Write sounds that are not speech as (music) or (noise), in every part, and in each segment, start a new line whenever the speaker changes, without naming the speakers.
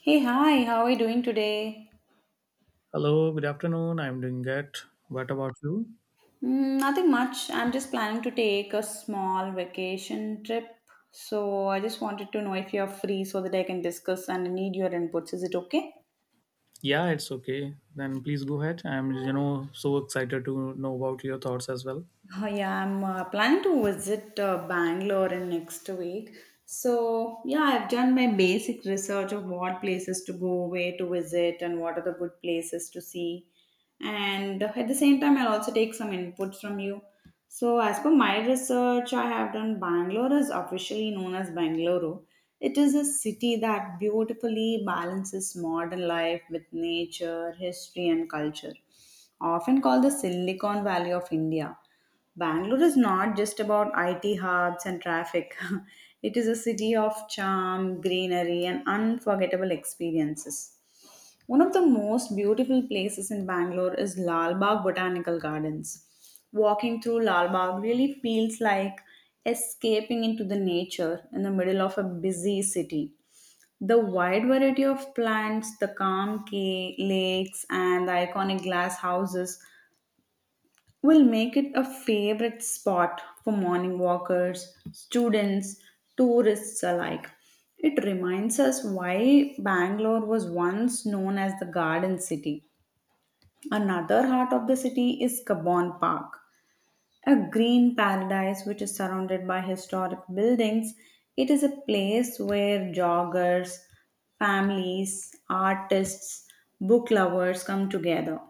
Hey, hi, how are you doing today?
Hello, good afternoon. I'm doing good. What about you?
Mm, nothing much. I'm just planning to take a small vacation trip. So I just wanted to know if you're free so that I can discuss and I need your inputs. Is it okay?
Yeah, it's okay. Then please go ahead. I'm so excited to know about your thoughts as well.
Oh, yeah, I'm planning to visit Bangalore in next week. So, yeah, I've done my basic research of what places to go, where to visit, and what are the good places to see. And at the same time, I'll also take some inputs from you. So, as per my research, I have done Bangalore is officially known as Bangalore. It is a city that beautifully balances modern life with nature, history, and culture. Often called the Silicon Valley of India. Bangalore is not just about IT hubs and traffic. (laughs) It is a city of charm, greenery, and unforgettable experiences. One of the most beautiful places in Bangalore is Lal Bagh Botanical Gardens. Walking through Lal Bagh really feels like escaping into the nature in the middle of a busy city. The wide variety of plants, the lakes, and the iconic glass houses will make it a favorite spot for morning walkers, students, tourists alike. It reminds us why Bangalore was once known as the Garden City. Another heart of the city is Cabon Park, a green paradise which is surrounded by historic buildings. It is a place where joggers, families, artists, book lovers come together.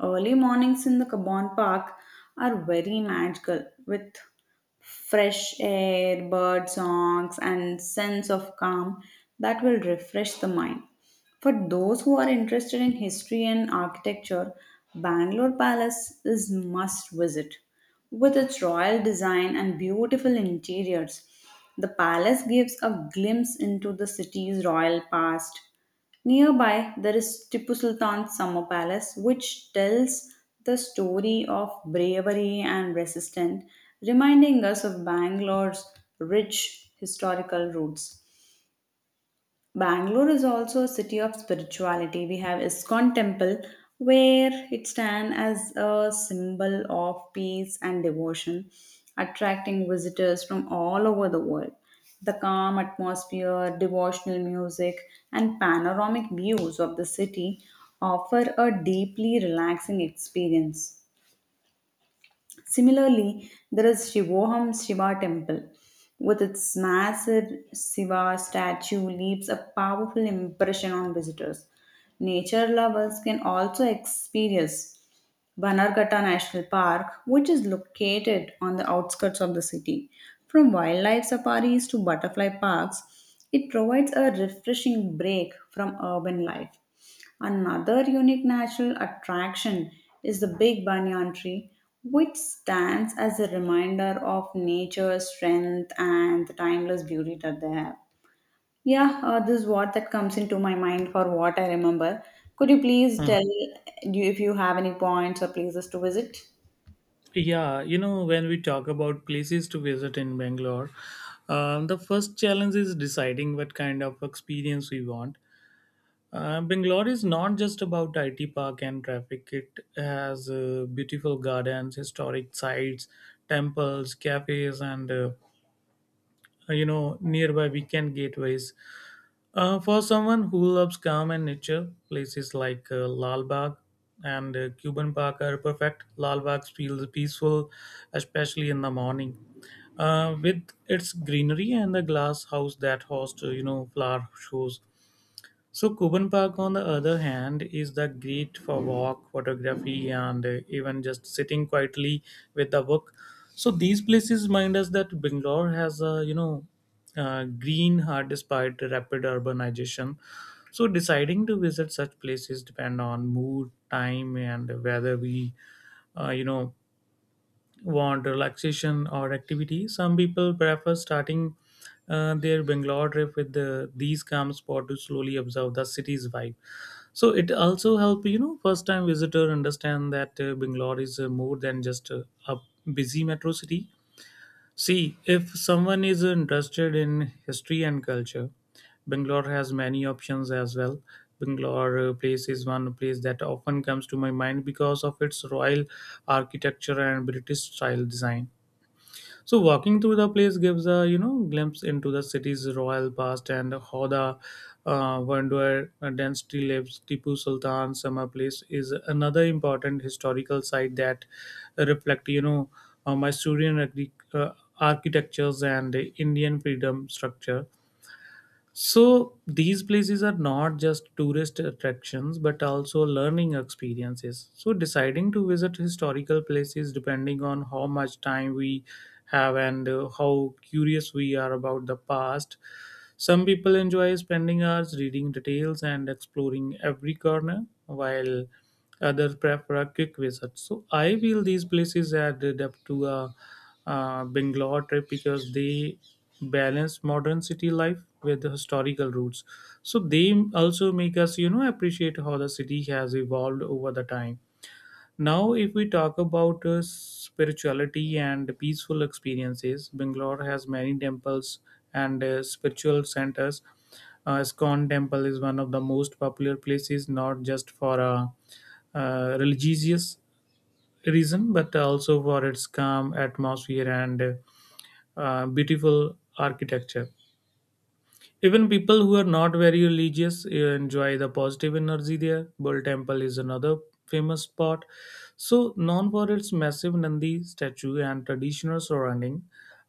Early mornings in the Kabon Park are very magical with fresh air, bird songs, and sense of calm that will refresh the mind. For those who are interested in history and architecture, Bangalore Palace is must visit. With its royal design and beautiful interiors, the palace gives a glimpse into the city's royal past. Nearby, there is Tipu Sultan's summer palace, which tells the story of bravery and resistance, reminding us of Bangalore's rich historical roots. Bangalore is also a city of spirituality. We have Iskon Temple, where it stands as a symbol of peace and devotion, attracting visitors from all over the world. The calm atmosphere, devotional music, and panoramic views of the city offer a deeply relaxing experience. Similarly, there is Shivoham Shiva temple. With its massive Shiva statue leaves a powerful impression on visitors. Nature lovers can also experience Banargata National Park, which is located on the outskirts of the city. From wildlife safaris to butterfly parks, it provides a refreshing break from urban life. Another unique natural attraction is the Big Banyan Tree, which stands as a reminder of nature's strength and the timeless beauty that they have. Yeah, this is what that comes into my mind for what I remember. Could you please
Mhm.
tell you if you have any points or places to visit?
Yeah, you know, when we talk about places to visit in Bangalore, the first challenge is deciding what kind of experience we want. Bangalore is not just about IT park and traffic. It has beautiful gardens, historic sites, temples, cafes, and nearby weekend gateways. For someone who loves calm and nature, places like Lal Bagh and Cuban Park are perfect. Lal Bagh feels peaceful, especially in the morning, with its greenery and the glass house that hosts, flower shows. So Cuban Park, on the other hand, is the great for walk, photography, and even just sitting quietly with a book. So these places remind us that Bangalore has a green heart despite rapid urbanization. So deciding to visit such places depend on mood, time, and whether we uh, you know want relaxation or activity. Some people prefer starting their Bangalore trip with these calm spots to slowly observe the city's vibe. So it also help you know first time visitor understand that Bangalore is more than just a busy metro city. See, if someone is interested in history and culture, Bangalore has many options as well. Bangalore place is one place that often comes to my mind because of its royal architecture and British style design. So walking through the place gives a you know glimpse into the city's royal past and how the Vanduar dynasty lives. Tipu Sultan summer place is another important historical site that reflect you know Mysorean architectures and Indian freedom structure. So these places are not just tourist attractions but also learning experiences. So deciding to visit historical places depending on how much time we have and how curious we are about the past some people enjoy spending hours reading details and exploring every corner, while others prefer a quick visit. So I feel these places add depth to a Bangalore trip because they balance modern city life with the historical roots. So they also make us, you know, appreciate how the city has evolved over the time. Now, if we talk about spirituality and peaceful experiences, Bangalore has many temples and spiritual centers. Iskon Temple is one of the most popular places, not just for a religious reason, but also for its calm atmosphere and beautiful architecture. Even people who are not very religious enjoy the positive energy there. Bull Temple is another famous spot. So, known for its massive Nandi statue and traditional surrounding,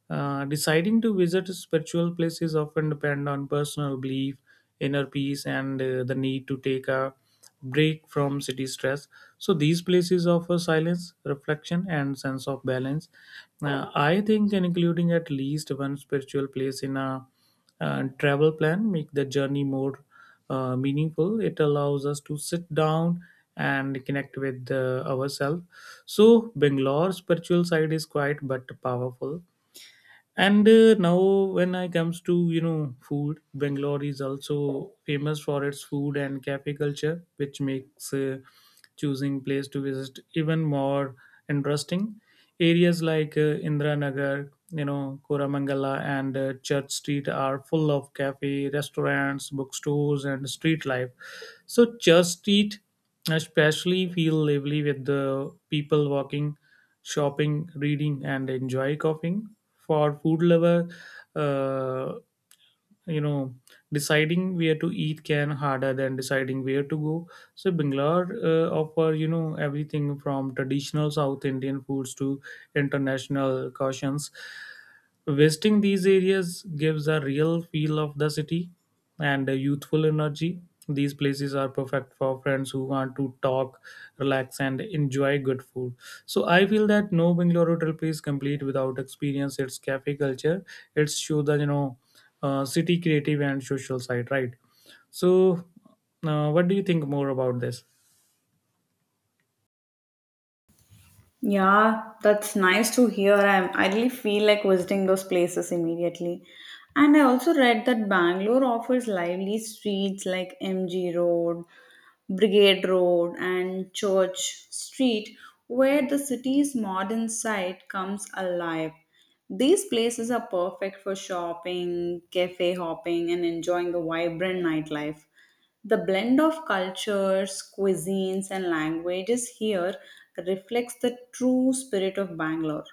deciding to visit spiritual places often depend on personal belief, inner peace, and the need to take a break from city stress. So these places offer silence, reflection, and sense of balance. I think including at least one spiritual place in a and travel plan make the journey more meaningful. It allows us to sit down and connect with ourselves. So Bangalore spiritual side is quiet but powerful, and now, when I comes to you know food, Bangalore is also famous for its food and cafe culture, which makes choosing place to visit even more interesting. Areas like Indira Nagar, you know, Koramangala, and Church Street are full of cafe, restaurants, bookstores, and street life. So Church Street especially feel lively with the people walking, shopping, reading, and enjoy coughing. For food lover, uh, you know deciding where to eat can harder than deciding where to go. So Bangalore offer you know everything from traditional south indian foods to international cautions. Visiting these areas gives a real feel of the city and a youthful energy. These places are perfect for friends who want to talk, relax, and enjoy good food. So I feel that no Bangalore hotel is complete without experience its cafe culture. Its show the you know city creative and social side, right? So what do you think more about this?
Yeah, that's nice to hear. I really feel like visiting those places immediately. And I also read that Bangalore offers lively streets like MG Road, Brigade Road, and Church Street, where the city's modern side comes alive. These places are perfect for shopping, cafe hopping, and enjoying the vibrant nightlife. The blend of cultures, cuisines, and languages here reflects the true spirit of Bangalore.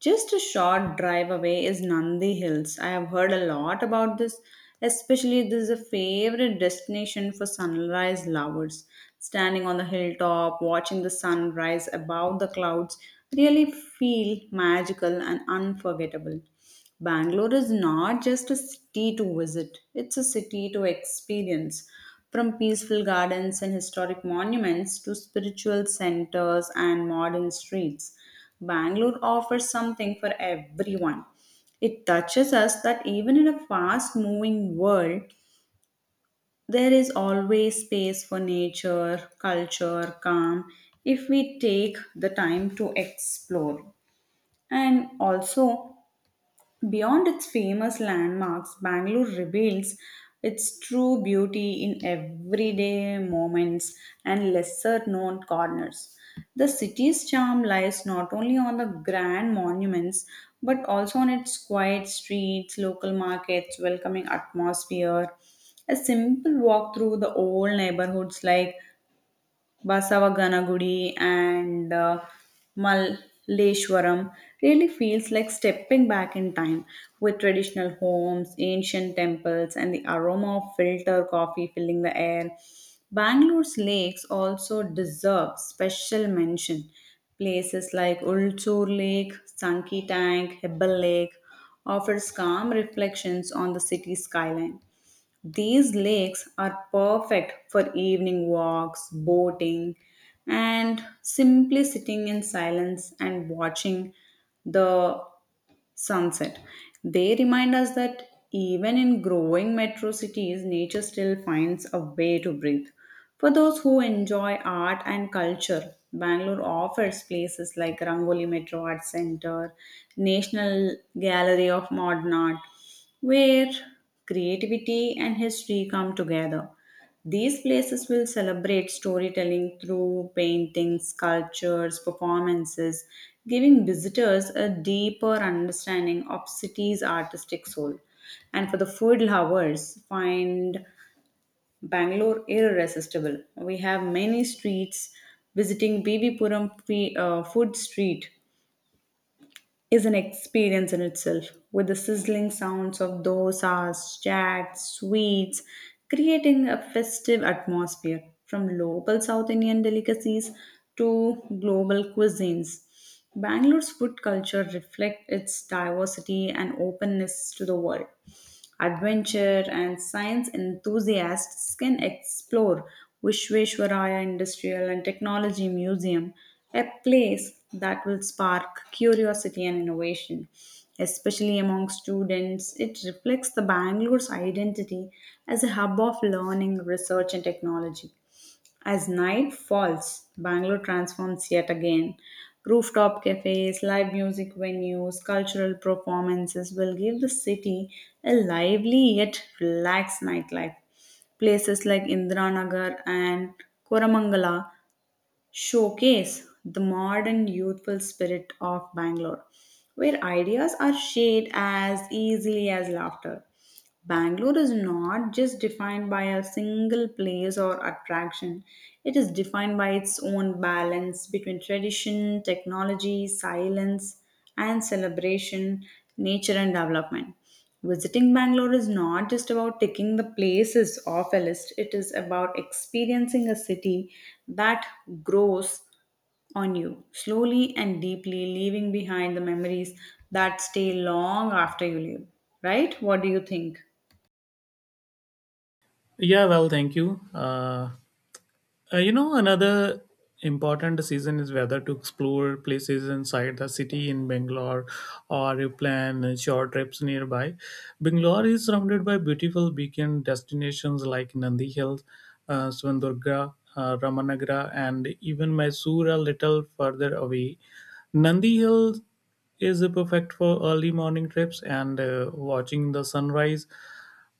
Just a short drive away is Nandi Hills. I have heard a lot about this, especially this is a favorite destination for sunrise lovers. Standing on the hilltop, watching the sun rise above the clouds, really feel magical and unforgettable. Bangalore is not just a city to visit, it's a city to experience. From peaceful gardens and historic monuments to spiritual centers and modern streets, Bangalore offers something for everyone. It touches us that even in a fast moving world, there is always space for nature, culture, calm if we take the time to explore. And also, beyond its famous landmarks, Bangalore reveals its true beauty in everyday moments and lesser known corners. The city's charm lies not only on the grand monuments but also on its quiet streets, local markets, welcoming atmosphere. A simple walk through the old neighborhoods like Basava Ganagudi and Malleshwaram really feels like stepping back in time with traditional homes, ancient temples, and the aroma of filter coffee filling the air. Bangalore's lakes also deserve special mention. Places like Ulchur Lake, Sanki Tank, Hebbal Lake offers calm reflections on the city skyline. These lakes are perfect for evening walks, boating, and simply sitting in silence and watching the sunset. They remind us that even in growing metro cities, nature still finds a way to breathe. For those who enjoy art and culture, Bangalore offers places like Rangoli Metro Art Center, National Gallery of Modern Art, where creativity and history come together. These places will celebrate storytelling through paintings, sculptures, performances, giving visitors a deeper understanding of city's artistic soul. And for the food lovers, find Bangalore irresistible. We have many streets visiting food street is an experience in itself, with the sizzling sounds of dosas, chats, sweets, creating a festive atmosphere from local South Indian delicacies to global cuisines. Bangalore's food culture reflects its diversity and openness to the world. Adventure and science enthusiasts can explore Vishveshwaraya Industrial and Technology Museum, a place that will spark curiosity and innovation, especially among students. It reflects the Bangalore's identity as a hub of learning, research, and technology. As night falls, Bangalore transforms yet again. Rooftop cafes, live music venues, cultural performances will give the city a lively yet relaxed nightlife places like Indiranagar and Koramangala showcase the modern youthful spirit of Bangalore, where ideas are shared as easily as laughter. Bangalore is not just defined by a single place or attraction. It is defined by its own balance between tradition, technology, silence, and celebration, nature, and development. Visiting Bangalore is not just about ticking the places off a list, it is about experiencing a city that grows on you slowly and deeply, leaving behind the memories that stay long after you leave. Right? What do you think?
Yeah, well, thank you. You know, another important decision is whether to explore places inside the city in Bangalore or you plan short trips nearby. Bangalore is surrounded by beautiful weekend destinations like Nandi Hills, Swandurga, Ramanagara, and even Mysore a little further away. Nandi Hills is perfect for early morning trips and watching the sunrise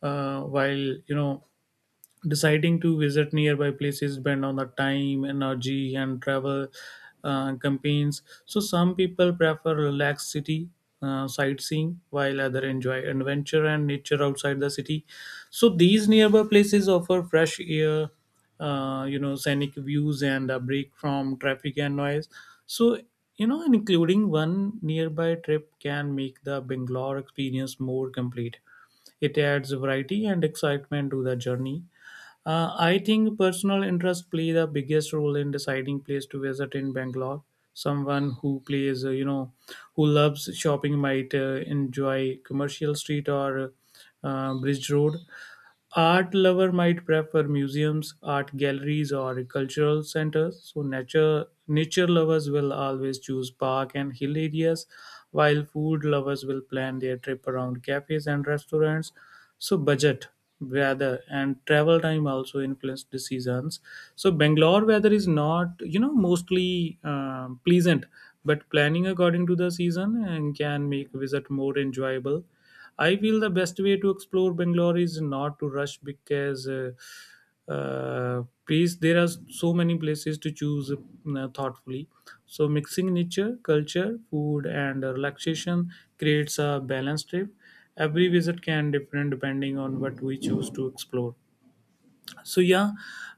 while you know Deciding to visit nearby places depend on the time, energy, and travel campaigns. So some people prefer relaxed city sightseeing, while other enjoy adventure and nature outside the city. So these nearby places offer fresh air, scenic views and a break from traffic and noise. So you know, and including one nearby trip can make the Bangalore experience more complete. It adds variety and excitement to the journey. I think personal interest play the biggest role in deciding place to visit in Bangalore. Someone who plays, who loves shopping might enjoy commercial street or bridge road. Art lover might prefer museums, art galleries, or cultural centers. So nature lovers will always choose park and hill areas, while food lovers will plan their trip around cafes and restaurants. So budget, weather, and travel time also influence decisions. So Bangalore weather is not you know mostly pleasant, but planning according to the season and can make visit more enjoyable. I feel the best way to explore Bangalore is not to rush because please there are so many places to choose thoughtfully. So mixing nature, culture, food, and relaxation creates a balanced trip. Every visit can differ depending on what we choose to explore. So yeah,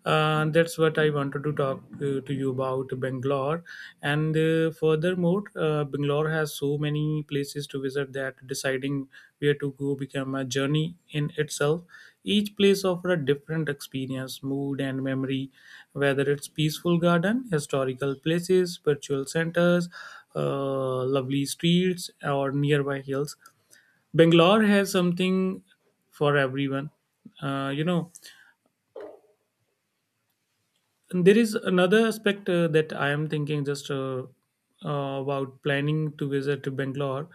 that's what I wanted to talk to you about Bangalore. And furthermore, Bangalore has so many places to visit that deciding where to go become a journey in itself. Each place offers a different experience, mood, and memory, whether it's peaceful garden, historical places, spiritual centers, lovely streets or nearby hills. Bangalore has something for everyone. uh, you know And there is another aspect that I am thinking just about planning to visit to Bangalore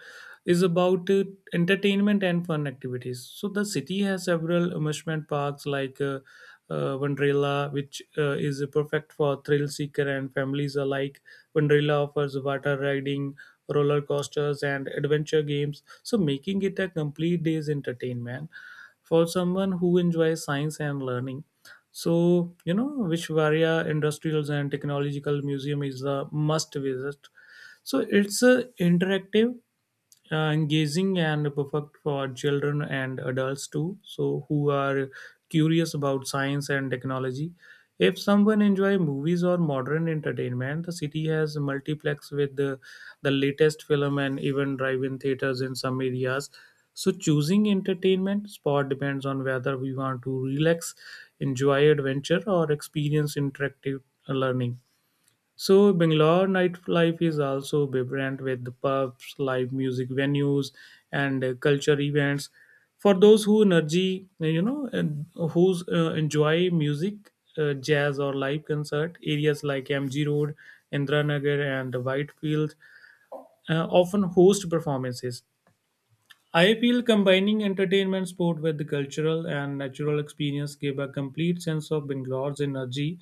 is about entertainment and fun activities. So the city has several amusement parks like Wonderla, which is perfect for thrill seeker and families alike. Wonderla offers water riding, roller coasters, and adventure games, so making it a complete day's entertainment. For someone who enjoys science and learning, so, you know, which Varia Industrials and Technological Museum is a must visit. So, it's interactive, engaging and perfect for children and adults too so who are curious about science and technology. If someone enjoy movies or modern entertainment, the city has multiplex with the latest film and even drive-in theaters in some areas. So choosing entertainment spot depends on whether we want to relax, enjoy adventure or experience interactive learning. So Bangalore nightlife is also vibrant with the pubs, live music venues, and culture events. For those who energy, and who's enjoy music, jazz or live concert, areas like MG Road, Indranagar, and Whitefield often host performances. I feel combining entertainment sport with the cultural and natural experience give a complete sense of Bangalore's energy.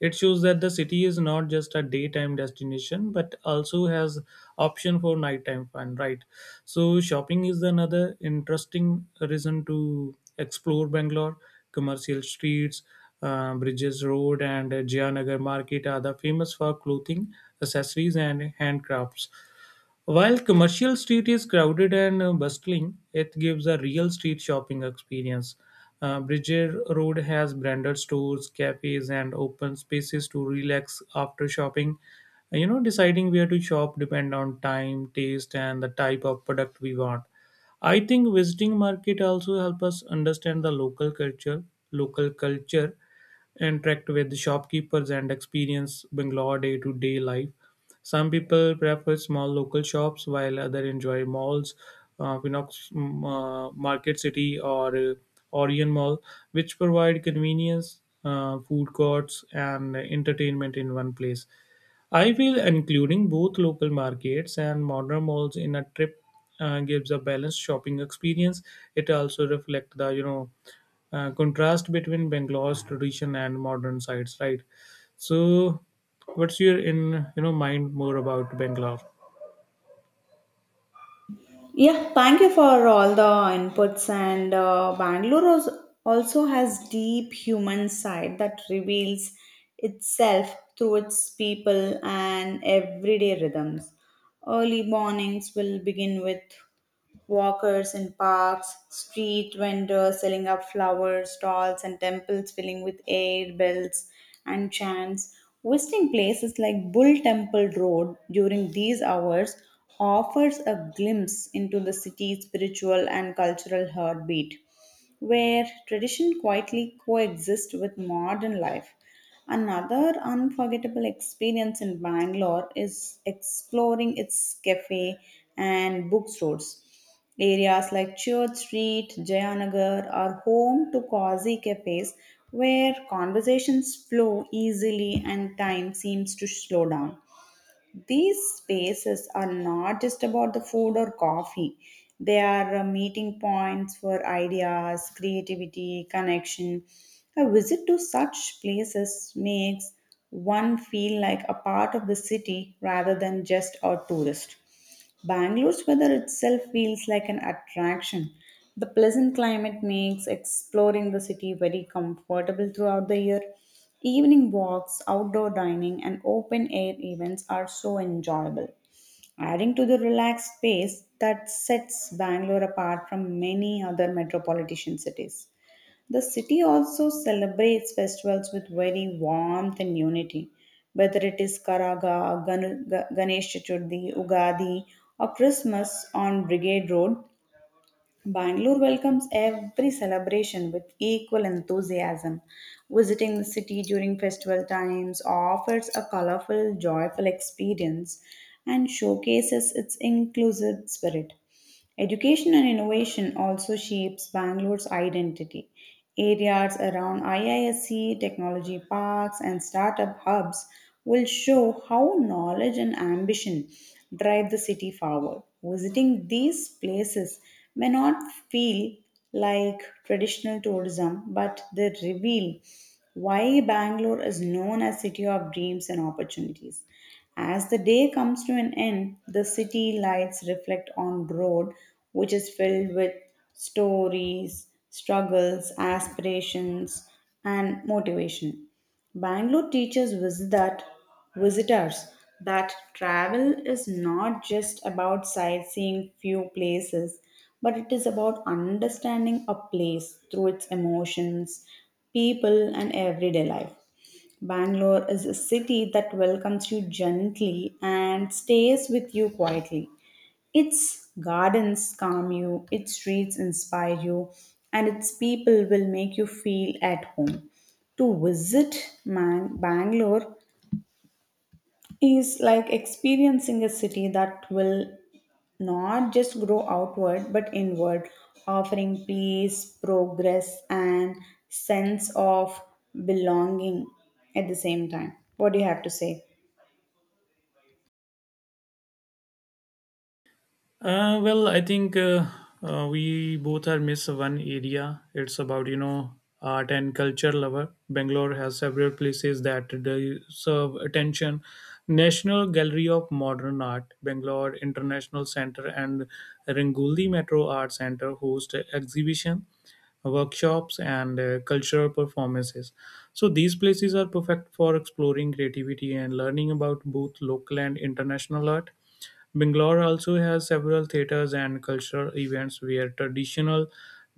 It shows that the city is not just a daytime destination but also has option for nighttime fun, right? So shopping is another interesting reason to explore Bangalore. Commercial streets, Bridges Road and Jayanagar Market are the famous for clothing, accessories and handcrafts. While commercial street is crowded and bustling, it gives a real street shopping experience. Bridger Road has branded stores, cafes, and open spaces to relax after shopping. You know, deciding where to shop depend on time, taste, and the type of product we want. I think visiting market also help us understand the local culture, interact with the shopkeepers, and experience Bangalore day-to-day life. Some people prefer small local shops, while others enjoy malls, Pinox Market City or Orion Mall, which provide convenience, food courts, and entertainment in one place. I feel including both local markets and modern malls in a trip gives a balanced shopping experience. It also reflects the you know contrast between Bangalore's tradition and modern sites, right? So, what's your in you know mind more about Bangalore?
Yeah, thank you for all the inputs. And also has deep human side that reveals itself through its people and everyday rhythms. Early mornings will begin with walkers in parks, street vendors selling up flowers, stalls and temples filling with air bells and chants. Visiting places like Bull Temple Road during these hours offers a glimpse into the city's spiritual and cultural heartbeat, where tradition quietly coexists with modern life. Another unforgettable experience in Bangalore is exploring its cafe and bookstores. Areas like Church Street, Jayanagar are home to cozy cafes where conversations flow easily and time seems to slow down. These spaces are not just about the food or coffee. They are meeting points for ideas, creativity, connection. A visit to such places makes one feel like a part of the city rather than just a tourist. Bangalore's weather itself feels like an attraction. The pleasant climate makes exploring the city very comfortable throughout the year. Evening walks, outdoor dining, and open air events are so enjoyable, adding to the relaxed pace that sets Bangalore apart from many other metropolitan cities. The city also celebrates festivals with very warmth and unity, whether it is Karaga, Ganesh Chaturthi, Ugadi, or Christmas on Brigade Road. Bangalore welcomes every celebration with equal enthusiasm. Visiting the city during festival times offers a colorful, joyful experience and showcases its inclusive spirit. Education and innovation also shapes Bangalore's identity. Areas around IISc, technology parks, and startup hubs will show how knowledge and ambition drive the city forward. Visiting these places may not feel like traditional tourism, but they reveal why Bangalore is known as city of dreams and opportunities. As the day comes to an end, the city lights reflect on road which is filled with stories, struggles, aspirations and motivation. Bangalore teaches visitors that travel is not just about sightseeing few places, but it is about understanding a place through its emotions, people, and everyday life. Bangalore is a city that welcomes you gently and stays with you quietly. Its gardens calm you, its streets inspire you, and its people will make you feel at home. To visit Bangalore is like experiencing a city that will not just grow outward but inward, offering peace, progress, and sense of belonging at the same time. What do you have to say?
Well, I think we both are miss one area. It's about you know art and culture lover. Bangalore has several places that deserve attention. National Gallery of Modern Art, Bangalore International Center, and Rangoli Metro Art Center host exhibition workshops and cultural performances. So these places are perfect for exploring creativity and learning about both local and international art. Bangalore also has several theatres and cultural events where traditional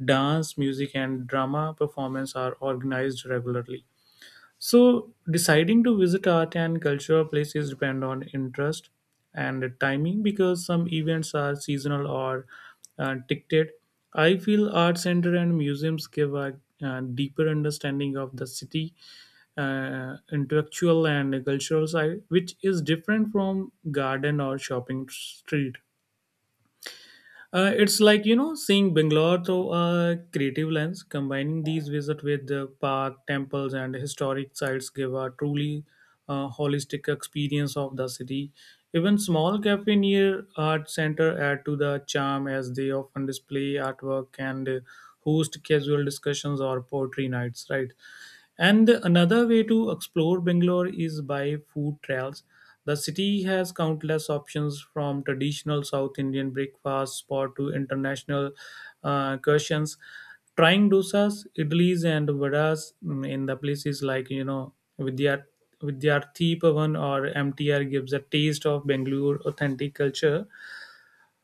dance, music, and drama performances are organized regularly. So deciding to visit art and cultural places depend on interest and timing because some events are seasonal or ticketed. I feel art center and museums give a deeper understanding of the city, intellectual and cultural side, which is different from garden or shopping street. It's like seeing Bangalore through a creative lens. Combining these visits with the park, temples, and historic sites give a truly holistic experience of the city. Even small cafe near art center add to the charm as they often display artwork and host casual discussions or poetry nights. Right, and another way to explore Bangalore is by food trails. The city has countless options, from traditional South Indian breakfast spot to international cuisines. Trying dosas, idlis, and vadas, in the places like Vidyarthi Pavan or MTR, gives a taste of Bangalore authentic culture.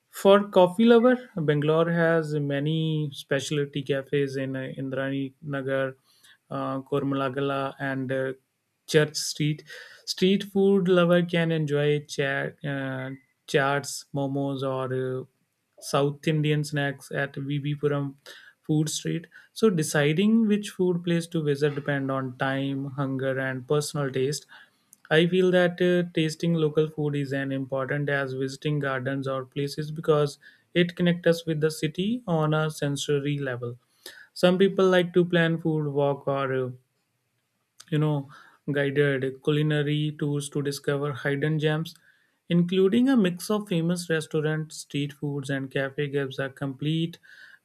For coffee lover, Bangalore has many specialty cafes in Indrani Nagar, Kormalagala, and Church Street. Street food lover can enjoy chaats, momos, or South Indian snacks at VBPuram Food Street. So deciding which food place to visit depend on time, hunger, and personal taste. I feel that tasting local food is as important as visiting gardens or places because it connects us with the city on a sensory level. Some people like to plan food walk or you know guided culinary tours to discover hidden gems, including a mix of famous restaurants, street foods, and cafe gives a complete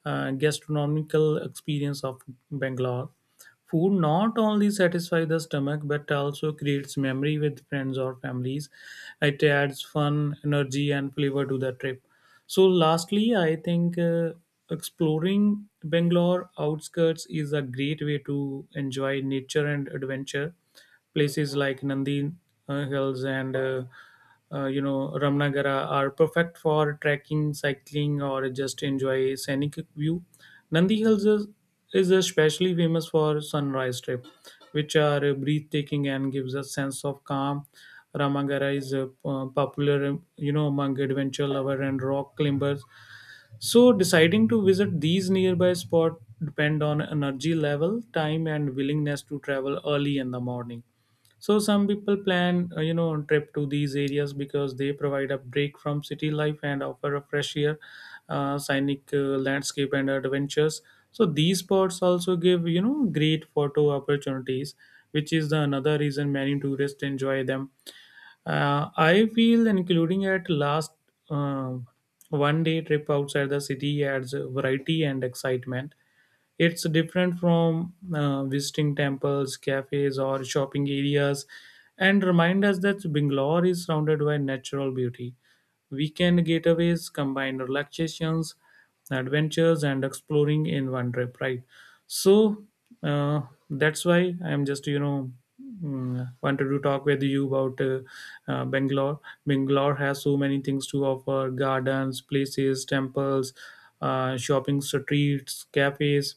gastronomical experience of Bangalore. Food not only satisfies the stomach but also creates memory with friends or families. It adds fun, energy, and flavor to the trip. So, lastly, I think exploring Bangalore outskirts is a great way to enjoy nature and adventure. Places like Nandi Hills and Ramnagara are perfect for trekking, cycling, or just enjoy a scenic view. Nandi Hills is especially famous for sunrise trip, which are breathtaking and gives a sense of calm. Ramagara is popular, among adventure lover and rock climbers. So deciding to visit these nearby spot depend on energy level, time, and willingness to travel early in the morning. So some people plan, on trip to these areas because they provide a break from city life and offer a fresh air, scenic landscape and adventures. So these spots also give, great photo opportunities, which is the another reason many tourists enjoy them. I feel including at last uh, one day trip outside the city adds variety and excitement. It's different from visiting temples, cafes, or shopping areas, and remind us that Bangalore is surrounded by natural beauty. Weekend getaways combine relaxations, adventures, and exploring in one trip, right? So uh, that's why I'm just, wanted to talk with you about Bangalore. Bangalore has so many things to offer: gardens, places, temples, shopping streets, cafes,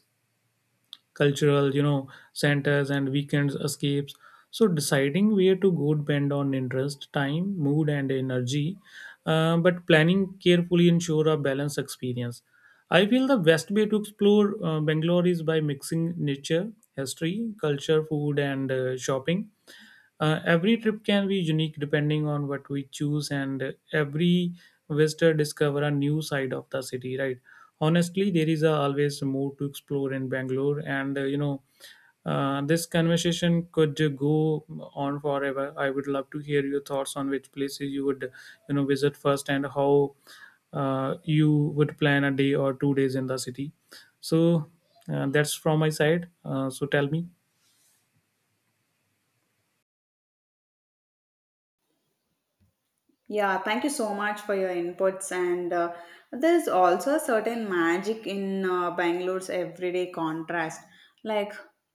cultural, centers and weekends escapes. So deciding where to go depend on interest, time, mood, and energy. But planning carefully ensure a balanced experience. I feel the best way to explore Bangalore is by mixing nature, history, culture, food, and shopping. Every trip can be unique depending on what we choose, and every visitor discover a new side of the city. Right? Honestly, there is a always more to explore in Bangalore, and this conversation could go on forever. I would love to hear your thoughts on which places you would, visit first, and how you would plan a day or two days in the city. So that's from my side. So tell me.
Yeah, thank you so much for your inputs. And there's also a certain magic in Bangalore's everyday contrast. Like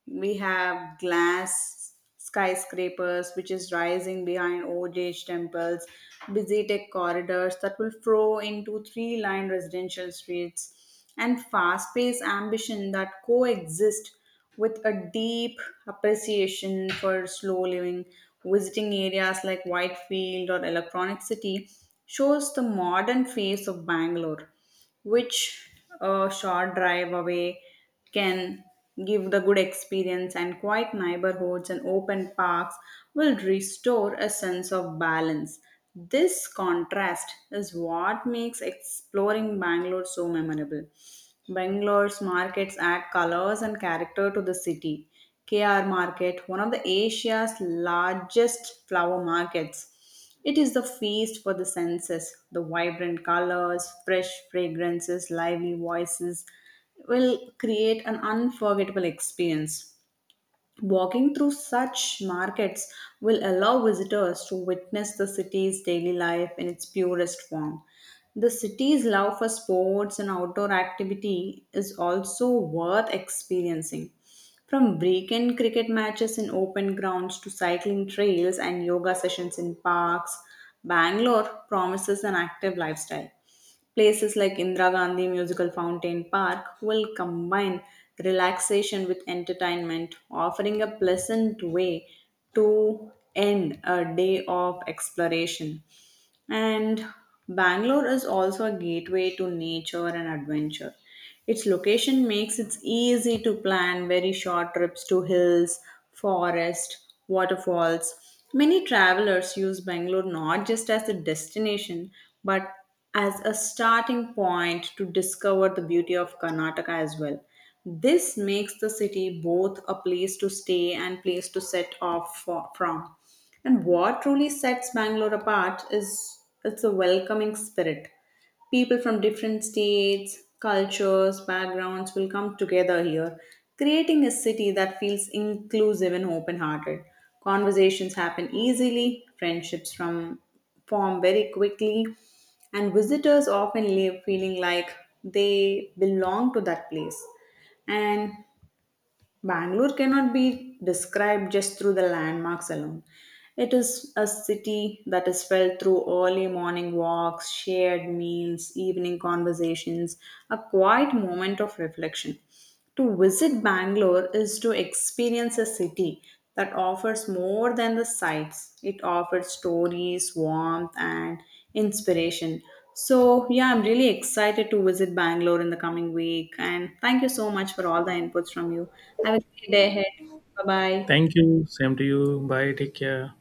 we have glass skyscrapers, which is rising behind old age temples, busy tech corridors that will flow into three line residential streets, and fast paced ambition that coexist with a deep appreciation for slow living, visiting areas like Whitefield or Electronic City shows the modern face of Bangalore, which a short drive away can give the good experience and quiet neighborhoods and open parks will restore a sense of balance this contrast is what makes exploring Bangalore so memorable. Bangalore's markets add colors and character to the city. KR Market, one of the Asia's largest flower markets. It is the feast for the senses. The vibrant colors, fresh fragrances, lively voices will create an unforgettable experience. Walking through such markets will allow visitors to witness the city's daily life in its purest form. The city's love for sports and outdoor activity is also worth experiencing. From weekend cricket matches in open grounds to cycling trails and yoga sessions in parks, Bangalore promises an active lifestyle. Places like Indira Gandhi Musical Fountain Park will combine relaxation with entertainment, offering a pleasant way to end a day of exploration. And Bangalore is also a gateway to nature and adventure. Its location makes it easy to plan very short trips to hills, forest, waterfalls. Many travelers use Bangalore not just as a destination but as a starting point to discover the beauty of Karnataka as well. This makes the city both a place to stay and place to set off for, from. And what truly sets Bangalore apart is it's a welcoming spirit people from different states, cultures, backgrounds will come together here, creating a city that feels inclusive and open hearted. Conversations happen easily, form very quickly, and visitors often leave feeling like they belong to that place. And Bangalore cannot be described just through the landmarks alone. It is a city that is felt through early morning walks, shared meals, evening conversations, a quiet moment of reflection. To visit Bangalore is to experience a city that offers more than the sights. It offers stories, warmth, and inspiration. So, yeah, I'm really excited to visit Bangalore in the coming week. And thank you so much for all the inputs from you. Have a great day ahead. Bye bye.
Thank you. Same to you. Bye. Take care.